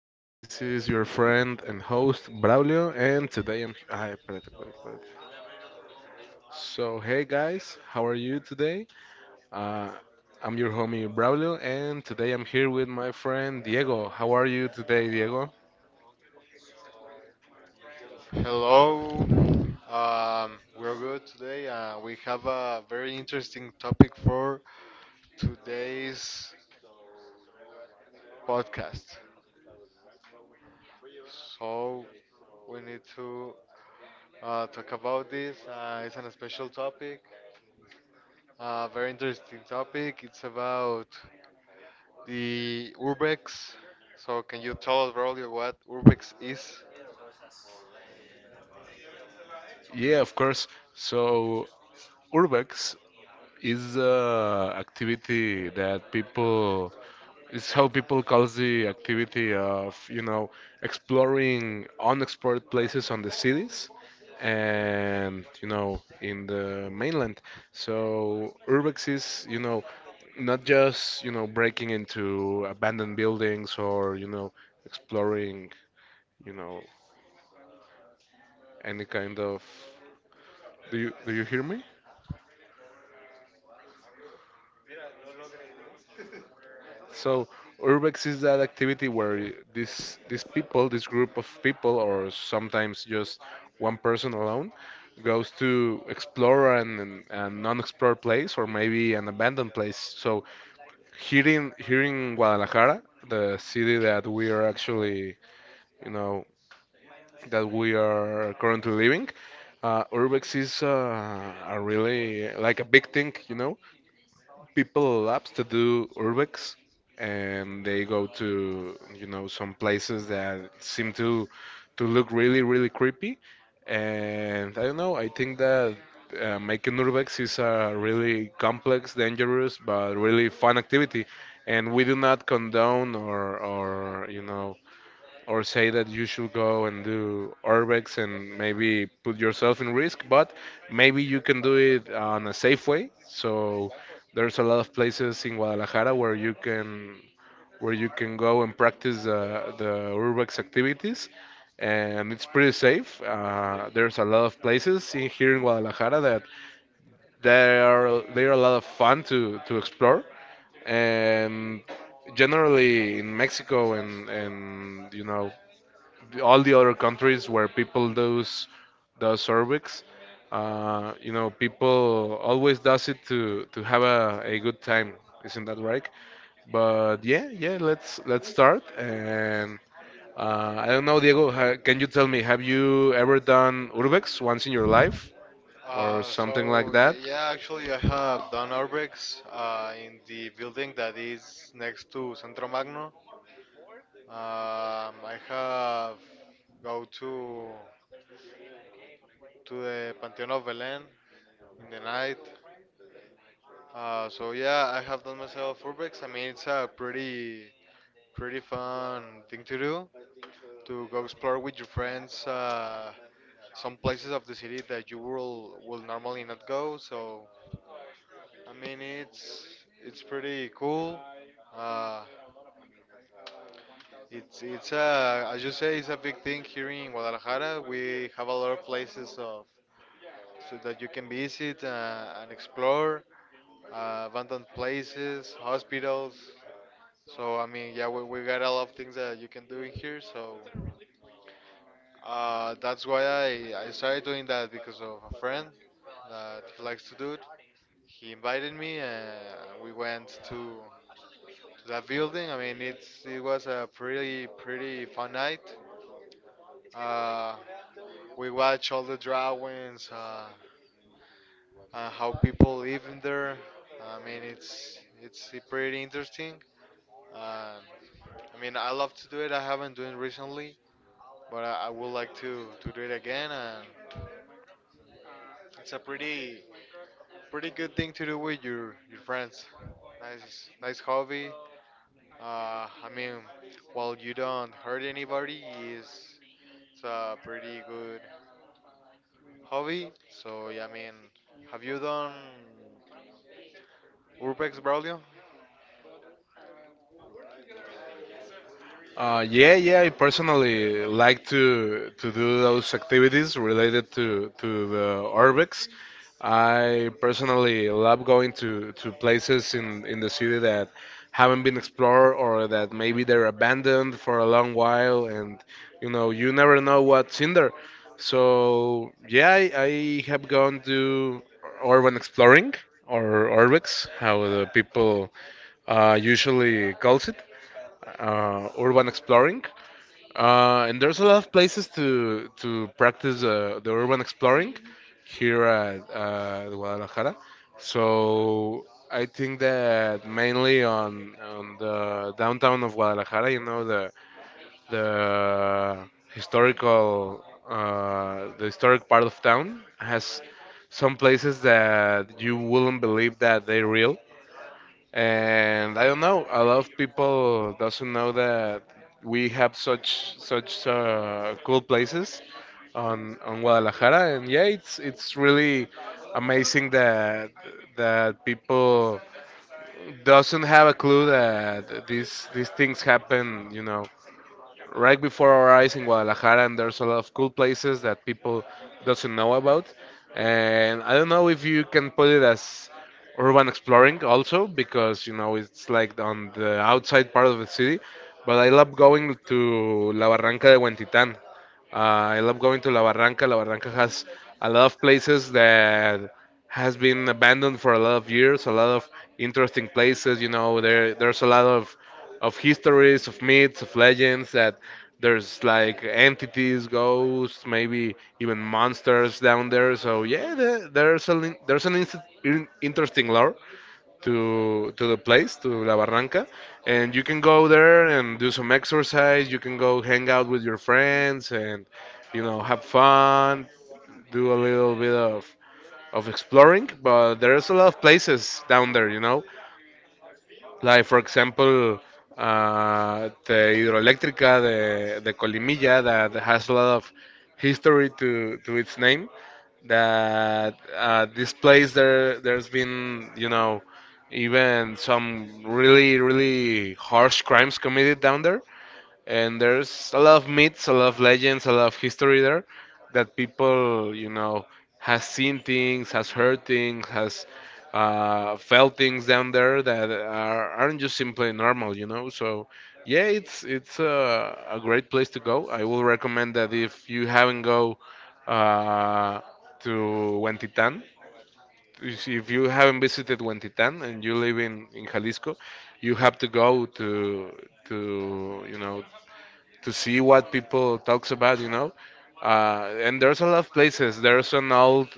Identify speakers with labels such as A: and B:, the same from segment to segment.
A: guys. This is your friend and host Braulio, and today I'm. Ay, espérate, espérate, espérate. Hey guys, how are you today? Uh, I'm your homie Braulio, and today I'm here with my friend Diego. How are you today, Diego?
B: Hello, we're good today. We have a very interesting topic for today's podcast. So we need to talk about this. It's an special topic, a very interesting topic. It's about the urbex. So can you tell us, Rolly, what urbex is?
A: Yeah, of course. So, Urbex is a activity that people It's how people call the activity of, exploring unexplored places on the cities and, in the mainland. So urbex is, not just, breaking into abandoned buildings or, exploring, you know, any kind of. Do you hear me? So urbex is that activity where this these people, this group of people, or sometimes just one person alone, goes to explore an unexplored place or maybe an abandoned place. So here in Guadalajara, the city that we are actually, you know, that we are currently living, urbex is a really like a big thing, you know, people loves to do urbex, and they go to, you know, some places that seem to look really really creepy, and I don't know, I think that making urbex is a really complex, dangerous, but really fun activity. And we do not condone or you know or say that you should go and do urbex and maybe put yourself in risk, but maybe you can do it on a safe way. So there's a lot of places in Guadalajara where you can go and practice the urbex activities, and it's pretty safe. There's a lot of places in, here in Guadalajara that they are a lot of fun to explore, and generally in Mexico and you know all the other countries where people does the cervix. You know, people always does it to have a good time. Isn't that right? But yeah, yeah, let's start. And I don't know, Diego, ha, can you tell me, have you ever done urbex once in your life or something
B: So
A: like that?
B: yeah, actually, I have done urbexes in the building that is next to Centro Magno. I have go to the Panteón of Belén in the night. So yeah, I have done myself urbex. I mean, it's a pretty fun thing to do to go explore with your friends. Some places of the city that you will normally not go. So I mean, it's pretty cool. Uh, it's a as you say, it's a big thing here in Guadalajara. We have a lot of places of so that you can visit and explore, abandoned places, hospitals. So I mean, yeah, we got a lot of things that you can do in here. So that's why I started doing that because of a friend that likes to do it. He invited me, and we went to that building. I mean, it was a pretty fun night. Uh, we watch all the drawings, how people live in there. I mean, it's pretty interesting. Uh, I mean, I love to do it. I haven't done it recently, but I would like to do it again. And it's a pretty good thing to do with your friends. Nice hobby. I mean, while you don't hurt anybody, is it's a pretty good hobby. So yeah, I mean, have you done Urbex, Braulio?
A: Yeah, yeah. I personally like to do those activities related to the urbex. I personally love going to places in the city that haven't been explored or that maybe they're abandoned for a long while, and you know you never know what's in there. So yeah, I have gone to urban exploring or urbex, how the people usually calls it, urban exploring. And there's a lot of places to practice the urban exploring here at Guadalajara. So I think that mainly on the downtown of Guadalajara, you know, the historical the historic part of town has some places that you wouldn't believe that they're real, and I don't know. A lot of people doesn't know that we have such cool places on Guadalajara, and yeah, it's really amazing that that people doesn't have a clue that these things happen. You know, right before our eyes in Guadalajara, and there's a lot of cool places that people doesn't know about. And I don't know if you can put it as urban exploring also because you know it's like on the outside part of the city. But I love going to La Barranca de Huentitán. Uh, I love going to La Barranca. La Barranca has a lot of places that has been abandoned for a lot of years, a lot of interesting places. You know, there's a lot of histories, of myths, of legends, that there's like entities, ghosts, maybe even monsters down there. So yeah, there, there's an inst- in- interesting lore to the place, to La Barranca, and you can go there and do some exercise. You can go hang out with your friends and you know have fun, do a little bit of exploring, but there's a lot of places down there, you know. Like for example, the hidroeléctrica de Colimilla that has a lot of history to its name. That this place there's been you know even some really really harsh crimes committed down there, and there's a lot of myths, a lot of legends, a lot of history there that people, you know, has seen things, has heard things, has felt things down there that aren't just simply normal, you know. So yeah, it's a great place to go. I will recommend that if you haven't go uh, to Huentitan. If you haven't visited Huentitan and you live in Jalisco, you have to go to you know to see what people talks about, you know. And there's a lot of places. There's an old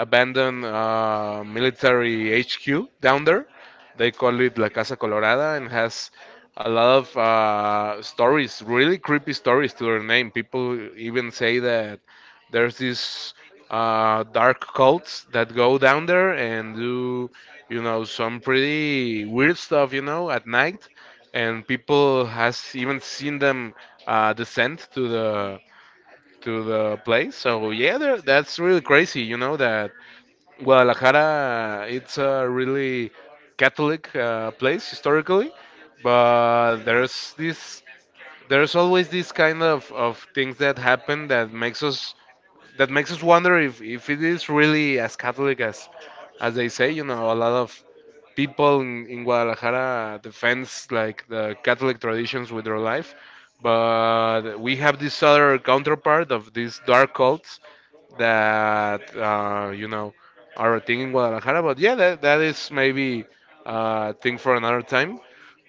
A: abandoned military HQ down there. They call it La Casa Colorada and has a lot of stories, really creepy stories to their name. People even say that there's these dark cults that go down there and do, you know, some pretty weird stuff, you know, at night. And people has even seen them descent to the place. So yeah, that's really crazy. You know that Guadalajara, it's a really Catholic place historically, but there's always this kind of things that happen that makes us wonder if it is really as Catholic as they say. You know, a lot of people in Guadalajara defends like the Catholic traditions with their life, but we have this other counterpart of these dark cults that you know are a thing in Guadalajara. But yeah, that is maybe a thing for another time.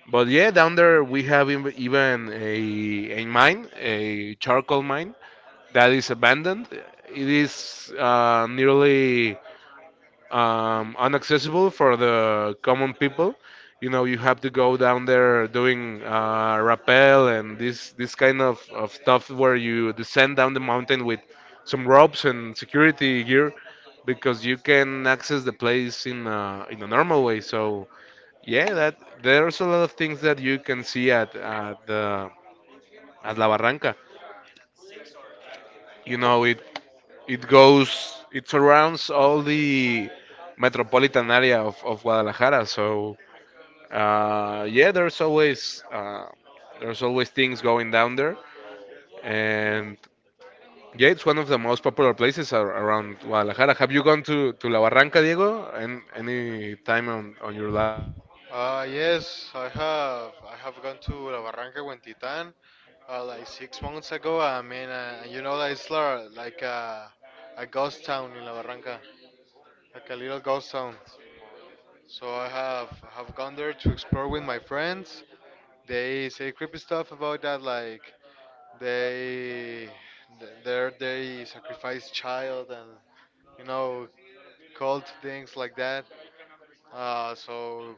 A: But yeah, down there we have even a mine, a charcoal mine that is abandoned. It is nearly inaccessible for the common people. You know, you have to go down there doing rappel and this kind of stuff where you descend down the mountain with some ropes and security gear because you can access the place in in a normal way. So yeah, that there's a lot of things that you can see at La Barranca. You know, it goes, it surrounds all the metropolitan area of Guadalajara. So yeah, there's always things going down there, and yeah, it's one of the most popular places around Guadalajara. Have you gone to La Barranca, Diego? And any time on your life?
B: Yes, I have. I have gone to La Barranca Huentitán like 6 months ago. I mean, you know that it's like a ghost town in La Barranca, like a little ghost town. So I have gone there to explore with my friends. They say creepy stuff about that, like they there they sacrifice child and you know cult things like that. So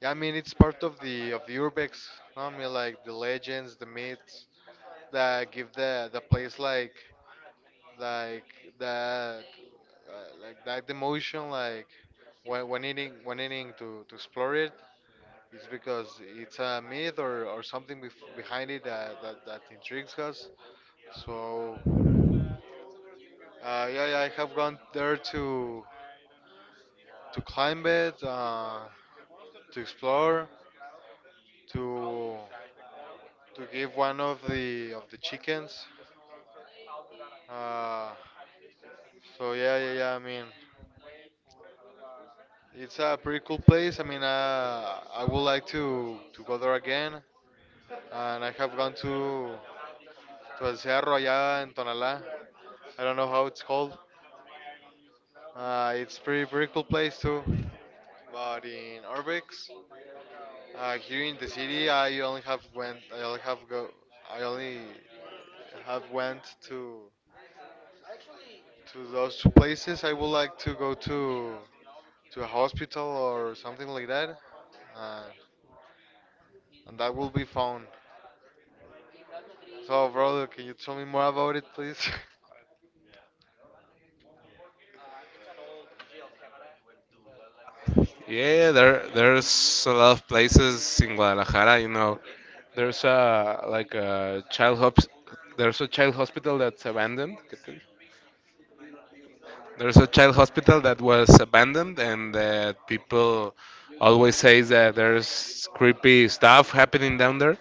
B: yeah, I mean it's part of the urbex. No? I mean like the legends, the myths that give the place like like that like that emotion like when needing to explore it. It's because it's a myth, or something behind it that, that intrigues us. So, yeah, I have gone there to climb it, to explore, to to give one of the chickens. Uh, so yeah. I mean, it's a pretty cool place. I mean, I would like to go there again, and I have gone to El Cerro allá in Tonalá. I don't know how it's called. It's pretty cool place too. But in Orbix, here in the city, I only have went. I only have go. I only have went to those two places. I would like to go to a hospital or something like that, uh, and that will be fun. So, brother, can you tell me more about it, please?
A: Yeah, there's a lot of places in Guadalajara. You know, there's a like a child hop, there's a child hospital that's abandoned. There's a child hospital that was abandoned, and that people always says that there's creepy stuff happening down there.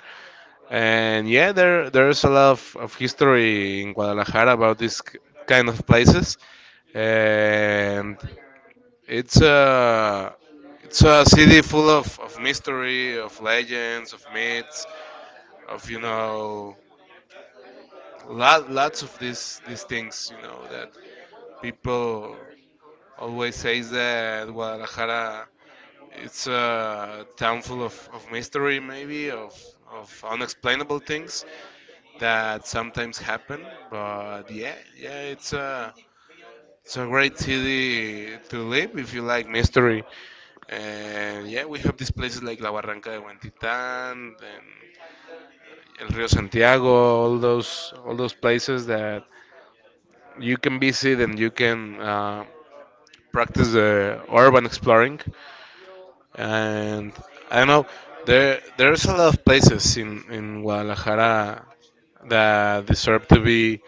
A: And yeah, there there's a lot of history in Guadalajara about kind of places, and it's a it's a city full of mystery, of legends, of myths, of you know, lots of these things you know that people always says that Guadalajara it's a town full of mystery, maybe of unexplainable things that sometimes happen, but yeah yeah it's a great city to live if you like mystery. And yeah, we have these places like La Barranca de Huentitán and El Rio Santiago, all those places that you can visit and you can practice the urban exploring. And I don't know, there's a lot of places in Guadalajara that deserve to be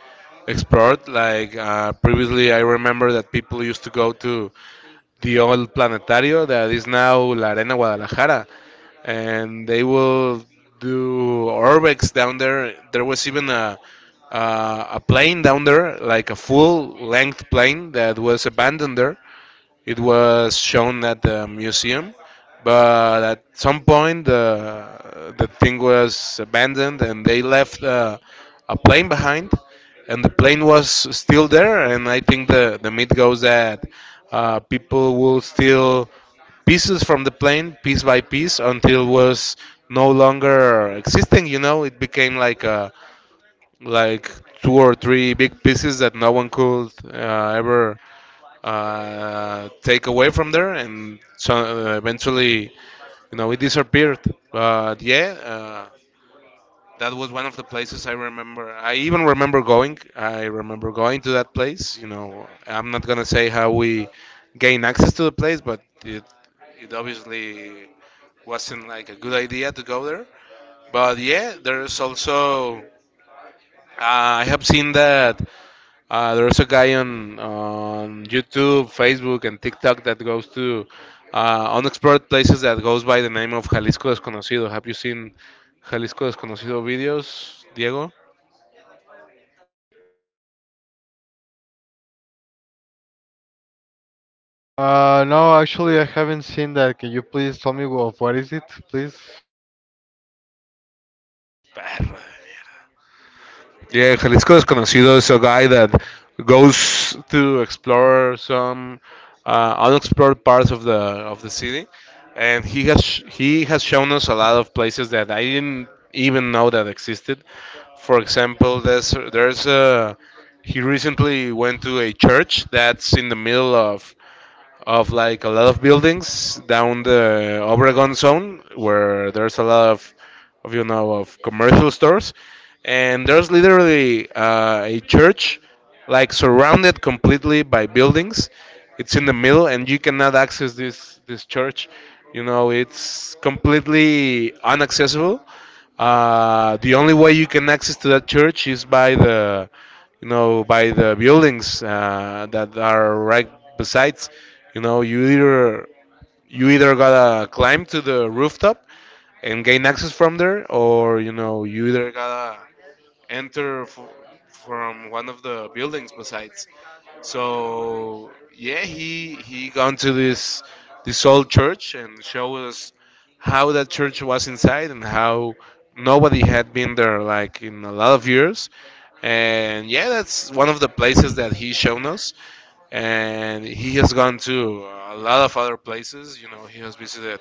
A: explored. Like previously, I remember that people used to go to the old planetario that is now La Arena Guadalajara, and they will do orbex down there. There was even a plane down there, like a full length plane that was abandoned there, it was shown at the museum, but at some point the thing was abandoned and they left a plane behind, and the plane was still there. And I think the myth goes that people will steal pieces from the plane piece by piece until it was no longer existing. You know, it became like a like two or three big pieces that no one could ever take away from there, and so eventually, you know, it disappeared. But yeah, that was one of the places I remember. I even remember going. I remember going to that place. You know, I'm not gonna say how we gain access to the place, but it obviously wasn't like a good idea to go there. But yeah, there's also I have seen that there's a guy on YouTube, Facebook, and TikTok that goes to unexplored places that goes by the name of Jalisco Desconocido. Have you seen Jalisco Desconocido videos, Diego?
B: No, actually, I haven't seen that. Can you please tell me of what is it, please?
A: Perro. Yeah, Jalisco Desconocido is a guy that goes to explore some unexplored parts of the city, and he has shown us a lot of places that I didn't even know that existed. For example, there's a he recently went to a church that's in the middle of like a lot of buildings down the Obregon zone where there's a lot of of commercial stores, and there's literally a church like surrounded completely by buildings. It's in the middle, and you cannot access this church. You know it's completely unaccessible. Uh, the only way you can access to that church is by by the buildings that are right besides. You know, you either you either gotta climb to the rooftop and gain access from there, or you either gotta enter f- from one of the buildings besides. So yeah, he gone to this old church and show us how that church was inside and how nobody had been there like in a lot of years. And yeah, that's one of the places that he shown us. And he has gone to a lot of other places. You know, he has visited,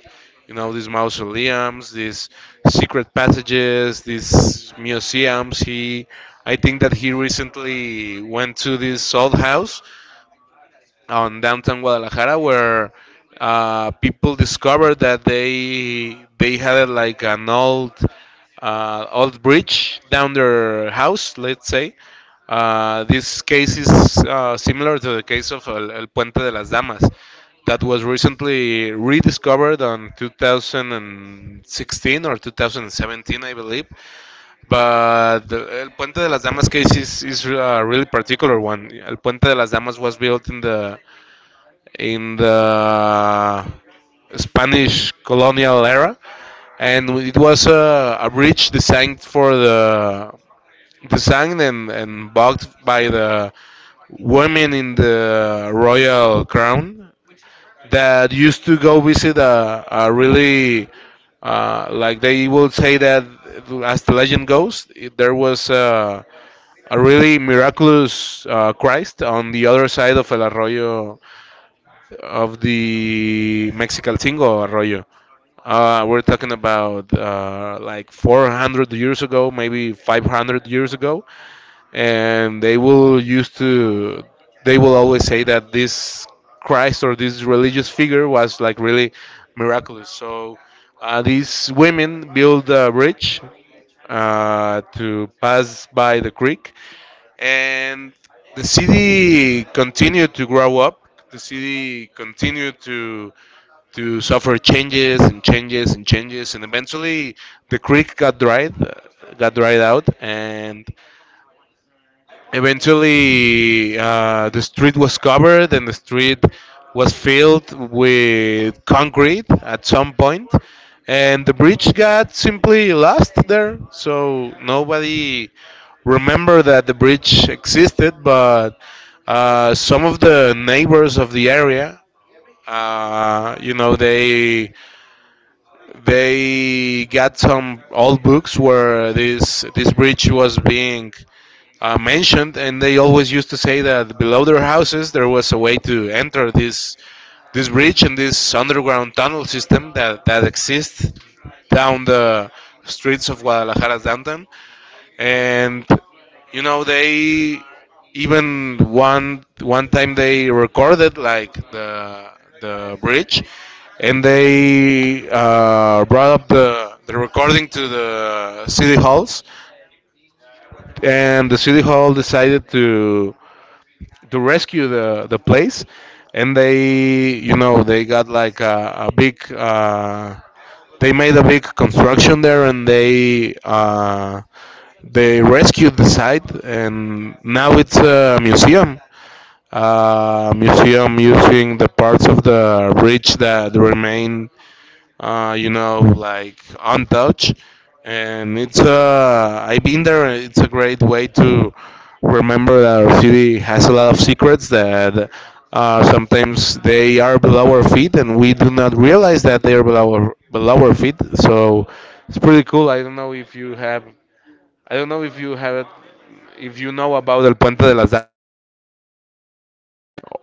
A: these mausoleums, these secret passages, these museums. He, I think that he recently went to this old house on downtown Guadalajara where people discovered that they had like an old old bridge down their house, let's say. This case is similar to the case of El Puente de las Damas that was recently rediscovered on 2016 or 2017, I believe. But the El Puente de las Damas case is a really particular one. El Puente de las Damas was built in the Spanish colonial era, and it was a bridge designed for the designed and built by the women in the royal crown that used to go visit a really like they will say that, as the legend goes, there was a really miraculous christ on the other side of el arroyo, of the Mexicalcingo Arroyo. We're talking about like 400 years ago, maybe 500 years ago, and they will always say that this Christ or this religious figure was like really miraculous. So these women build a bridge to pass by the creek, and the city continued to grow up. The city continued to suffer changes and changes and changes, and eventually the creek got got dried out, and eventually the street was covered, and the street was filled with concrete at some point, and the bridge got simply lost there, so nobody remembered that the bridge existed. But some of the neighbors of the area, they got some old books where this bridge was being mentioned, and they always used to say that below their houses there was a way to enter this bridge and this underground tunnel system that exists down the streets of Guadalajara's downtown. And they, even one time they recorded like the bridge, and they brought up the recording to the city halls, and the city hall decided to rescue the place. And they you know they got like a big they made a big construction there, and they rescued the site, and now it's a museum. A museum using the parts of the bridge that remain, like untouched. And it's I've been there. It's a great way to remember that our city has a lot of secrets that sometimes they are below our feet, and we do not realize that they are below below our feet. So it's pretty cool. I don't know if you if you know about El Puente de las Damas,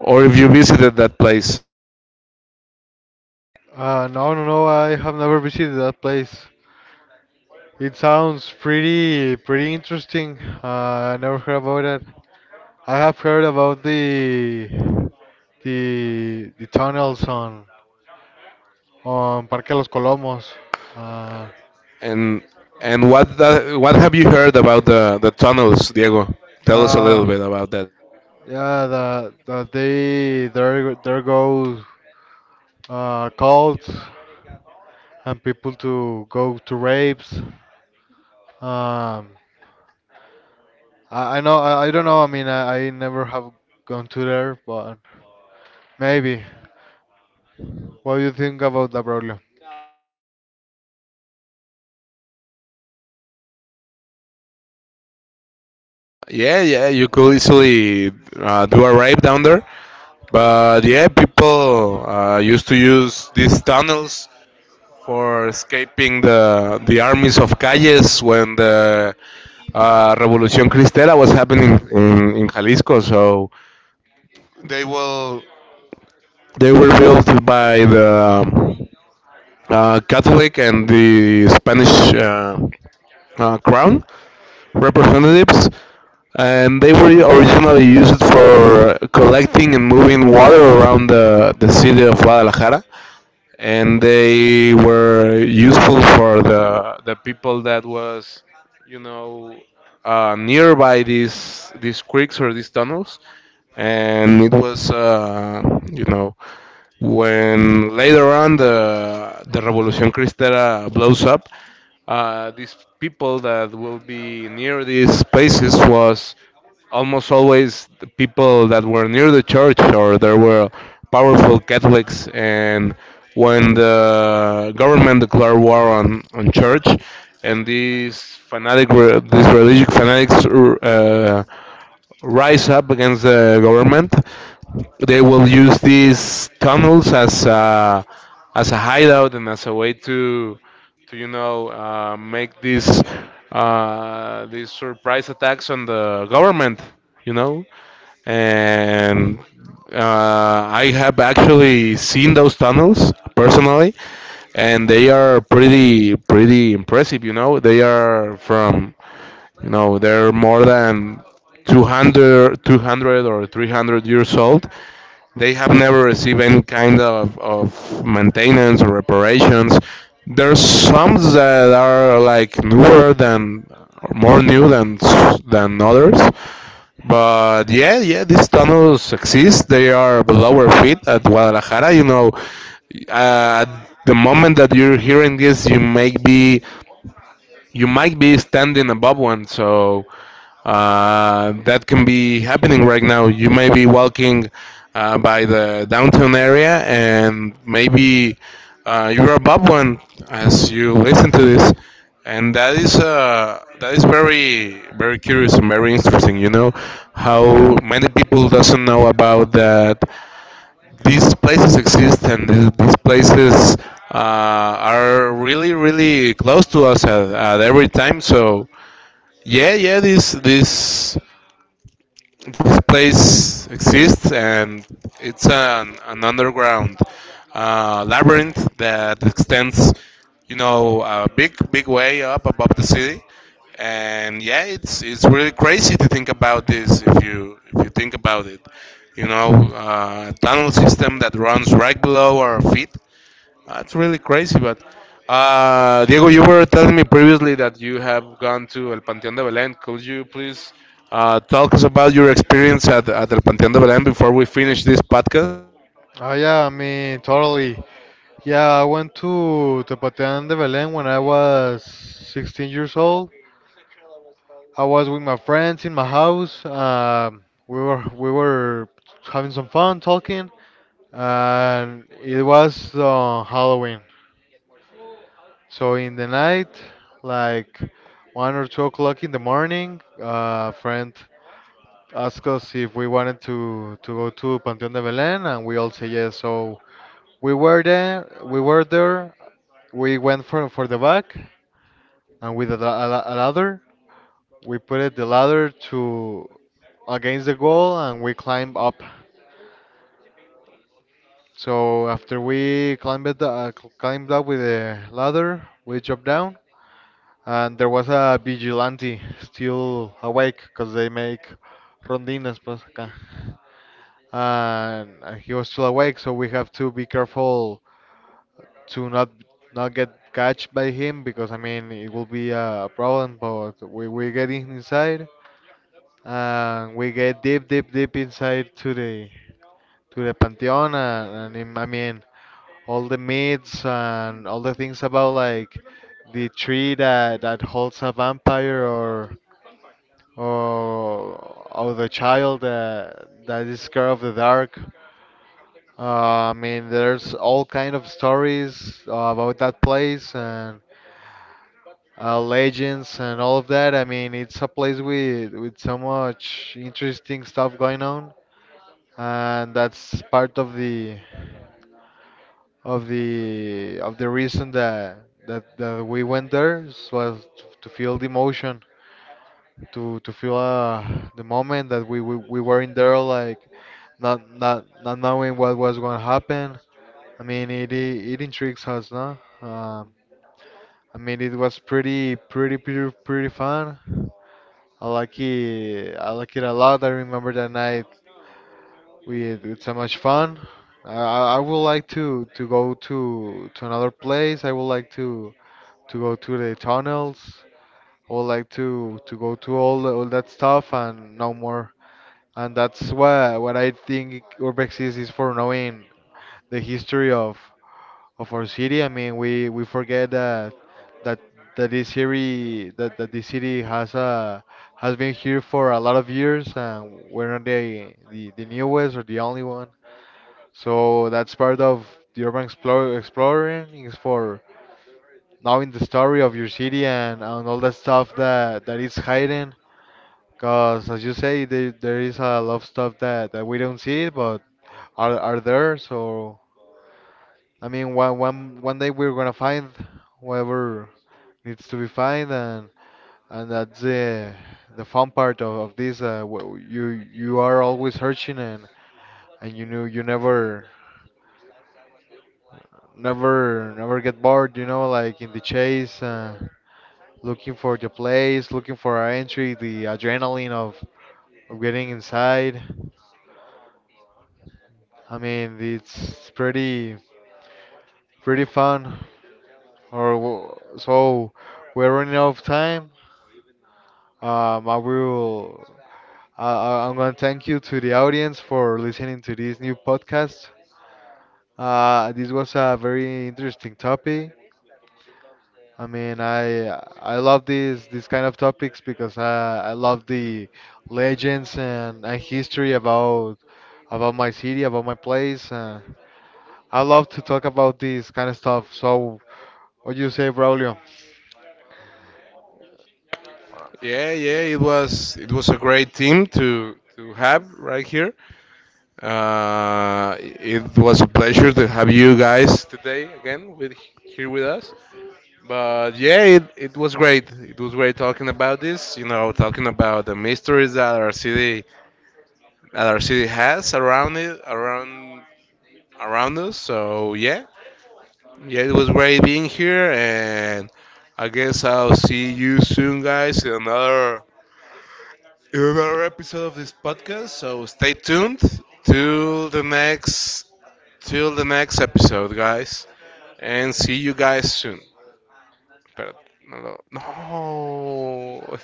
A: or if you visited that place.
B: No, no, no, I have never visited that place. It sounds pretty interesting. I never heard about that. I have heard about the tunnels on Parque Los Colomos. Uh,
A: And and what what have you heard about the tunnels, Diego? Tell us a little
B: uh,
A: bit about that.
B: yeah, there, there goes cults and people to go to rapes. Um, I know I don't know. I mean I never have gone to there, but maybe. What do you think about that, Braulio?
A: Yeah, yeah, you could easily do a rape down there, but yeah, people used to use these tunnels for escaping the armies of Calles when the Revolución Cristera was happening in Jalisco. So they will they were built by the um, Catholic and the Spanish uh, crown representatives, and they were originally used for collecting and moving water around the city of Guadalajara, and they were useful for the people that was, you know, nearby these creeks or these tunnels. And it was, you know when later on the Revolution Cristera blows up, these people that will be near these places was almost always the people that were near the church, or there were powerful Catholics. And when the government declared war on church, and these religious fanatics rise up against the government, they will use these tunnels as as a hideout and as a way to make these surprise attacks on the government, you know, and uh, I have actually seen those tunnels personally, and they are pretty impressive. You know, they are they're more than 200, 200 or 300 years old. They have never received any kind of maintenance or reparations. There's some that are like newer than, or more new than others. But yeah, yeah, these tunnels exist. They are below our feet at Guadalajara. You know, at the moment that you're hearing this, you might be standing above one. So that can be happening right now. You may be walking by the downtown area, and maybe you're above one as you listen to this, and that is very very curious and very interesting. You know how many people doesn't know about that these places exist, and these places are really really close to us at every time. So yeah, yeah, this place exists, and it's an underground labyrinth that extends, you know, a big big way up above the city. And yeah, it's really crazy to think about this. If you think about it, you know, a tunnel system that runs right below our feet, that's really crazy. But Diego, you were telling me previously that you have gone to El Panteón de Belén. Could you please talk us about your experience at El Panteón de Belén before we finish this podcast?
B: Oh yeah, I mean totally. Yeah, I went to Tepatian de Belén when I was 16 years old. I was with my friends in my house. We were having some fun talking, and it was Halloween. So in the night, like 1 or 2 o'clock in the morning, a friend asked us if we wanted to go to Panteón de Belén, and we all say yes. So we were there. We went for the back, and with a ladder, we put it the ladder to against the goal, and we climbed up. So after we climbed it, climbed up with the ladder, we jumped down, and there was a vigilante still awake because they make rondinas pues acá. And he was still awake, so we have to be careful to not get catched by him because I mean it will be a problem. But we get inside and we get deep inside to the pantheon, and I mean all the myths and all the things about like the tree that holds a vampire, or or the child that is scared of the dark. I mean, there's all kind of stories about that place, and legends and all of that. I mean, it's a place with so much interesting stuff going on, and that's part of the reason that that we went there was to feel the emotion, to feel the moment that we were in there, like not knowing what was going to happen. I mean, it it intrigues us, no? I mean, it was pretty fun. I like it. I like it a lot. I remember that night with so much fun. I would like to go to another place. I would like to go to the tunnels. I would like to go to all that stuff and no more. And that's what I think Urbex is for knowing the history of our city. I mean, we forget that that this city that this city has been here for a lot of years, and we're not the newest or the only one. So that's part of the urban explore, exploring is for knowing the story of your city, and all that stuff that is hidden. Cause as you say, there is a lot of stuff that, we don't see, but are there. So I mean, one day we're gonna find whatever needs to be fine, and that's the fun part of this you are always searching, and you know you never get bored, you know, like in the chase, looking for the place, looking for our entry, the adrenaline of getting inside. I mean, it's pretty fun so we're running out of time. um, I will I'm going to thank you to the audience for listening to this new podcast. This was a very interesting topic. I mean, I love these kind of topics because I love the legends, and history about my city, about my place. I love to talk about this kind of stuff. So, what do you say, Braulio?
A: Yeah, yeah, it was a great team to have right here. It was a pleasure to have you guys today again with here with us. But yeah, it was great. It was great talking about this. You know, talking about the mysteries that our city has around it, around us. So yeah, yeah, it was great being here, and I guess I'll see you soon, guys, in another episode of this podcast. So stay tuned till the next till the next episode, guys, and see you guys soon. Espérate, no,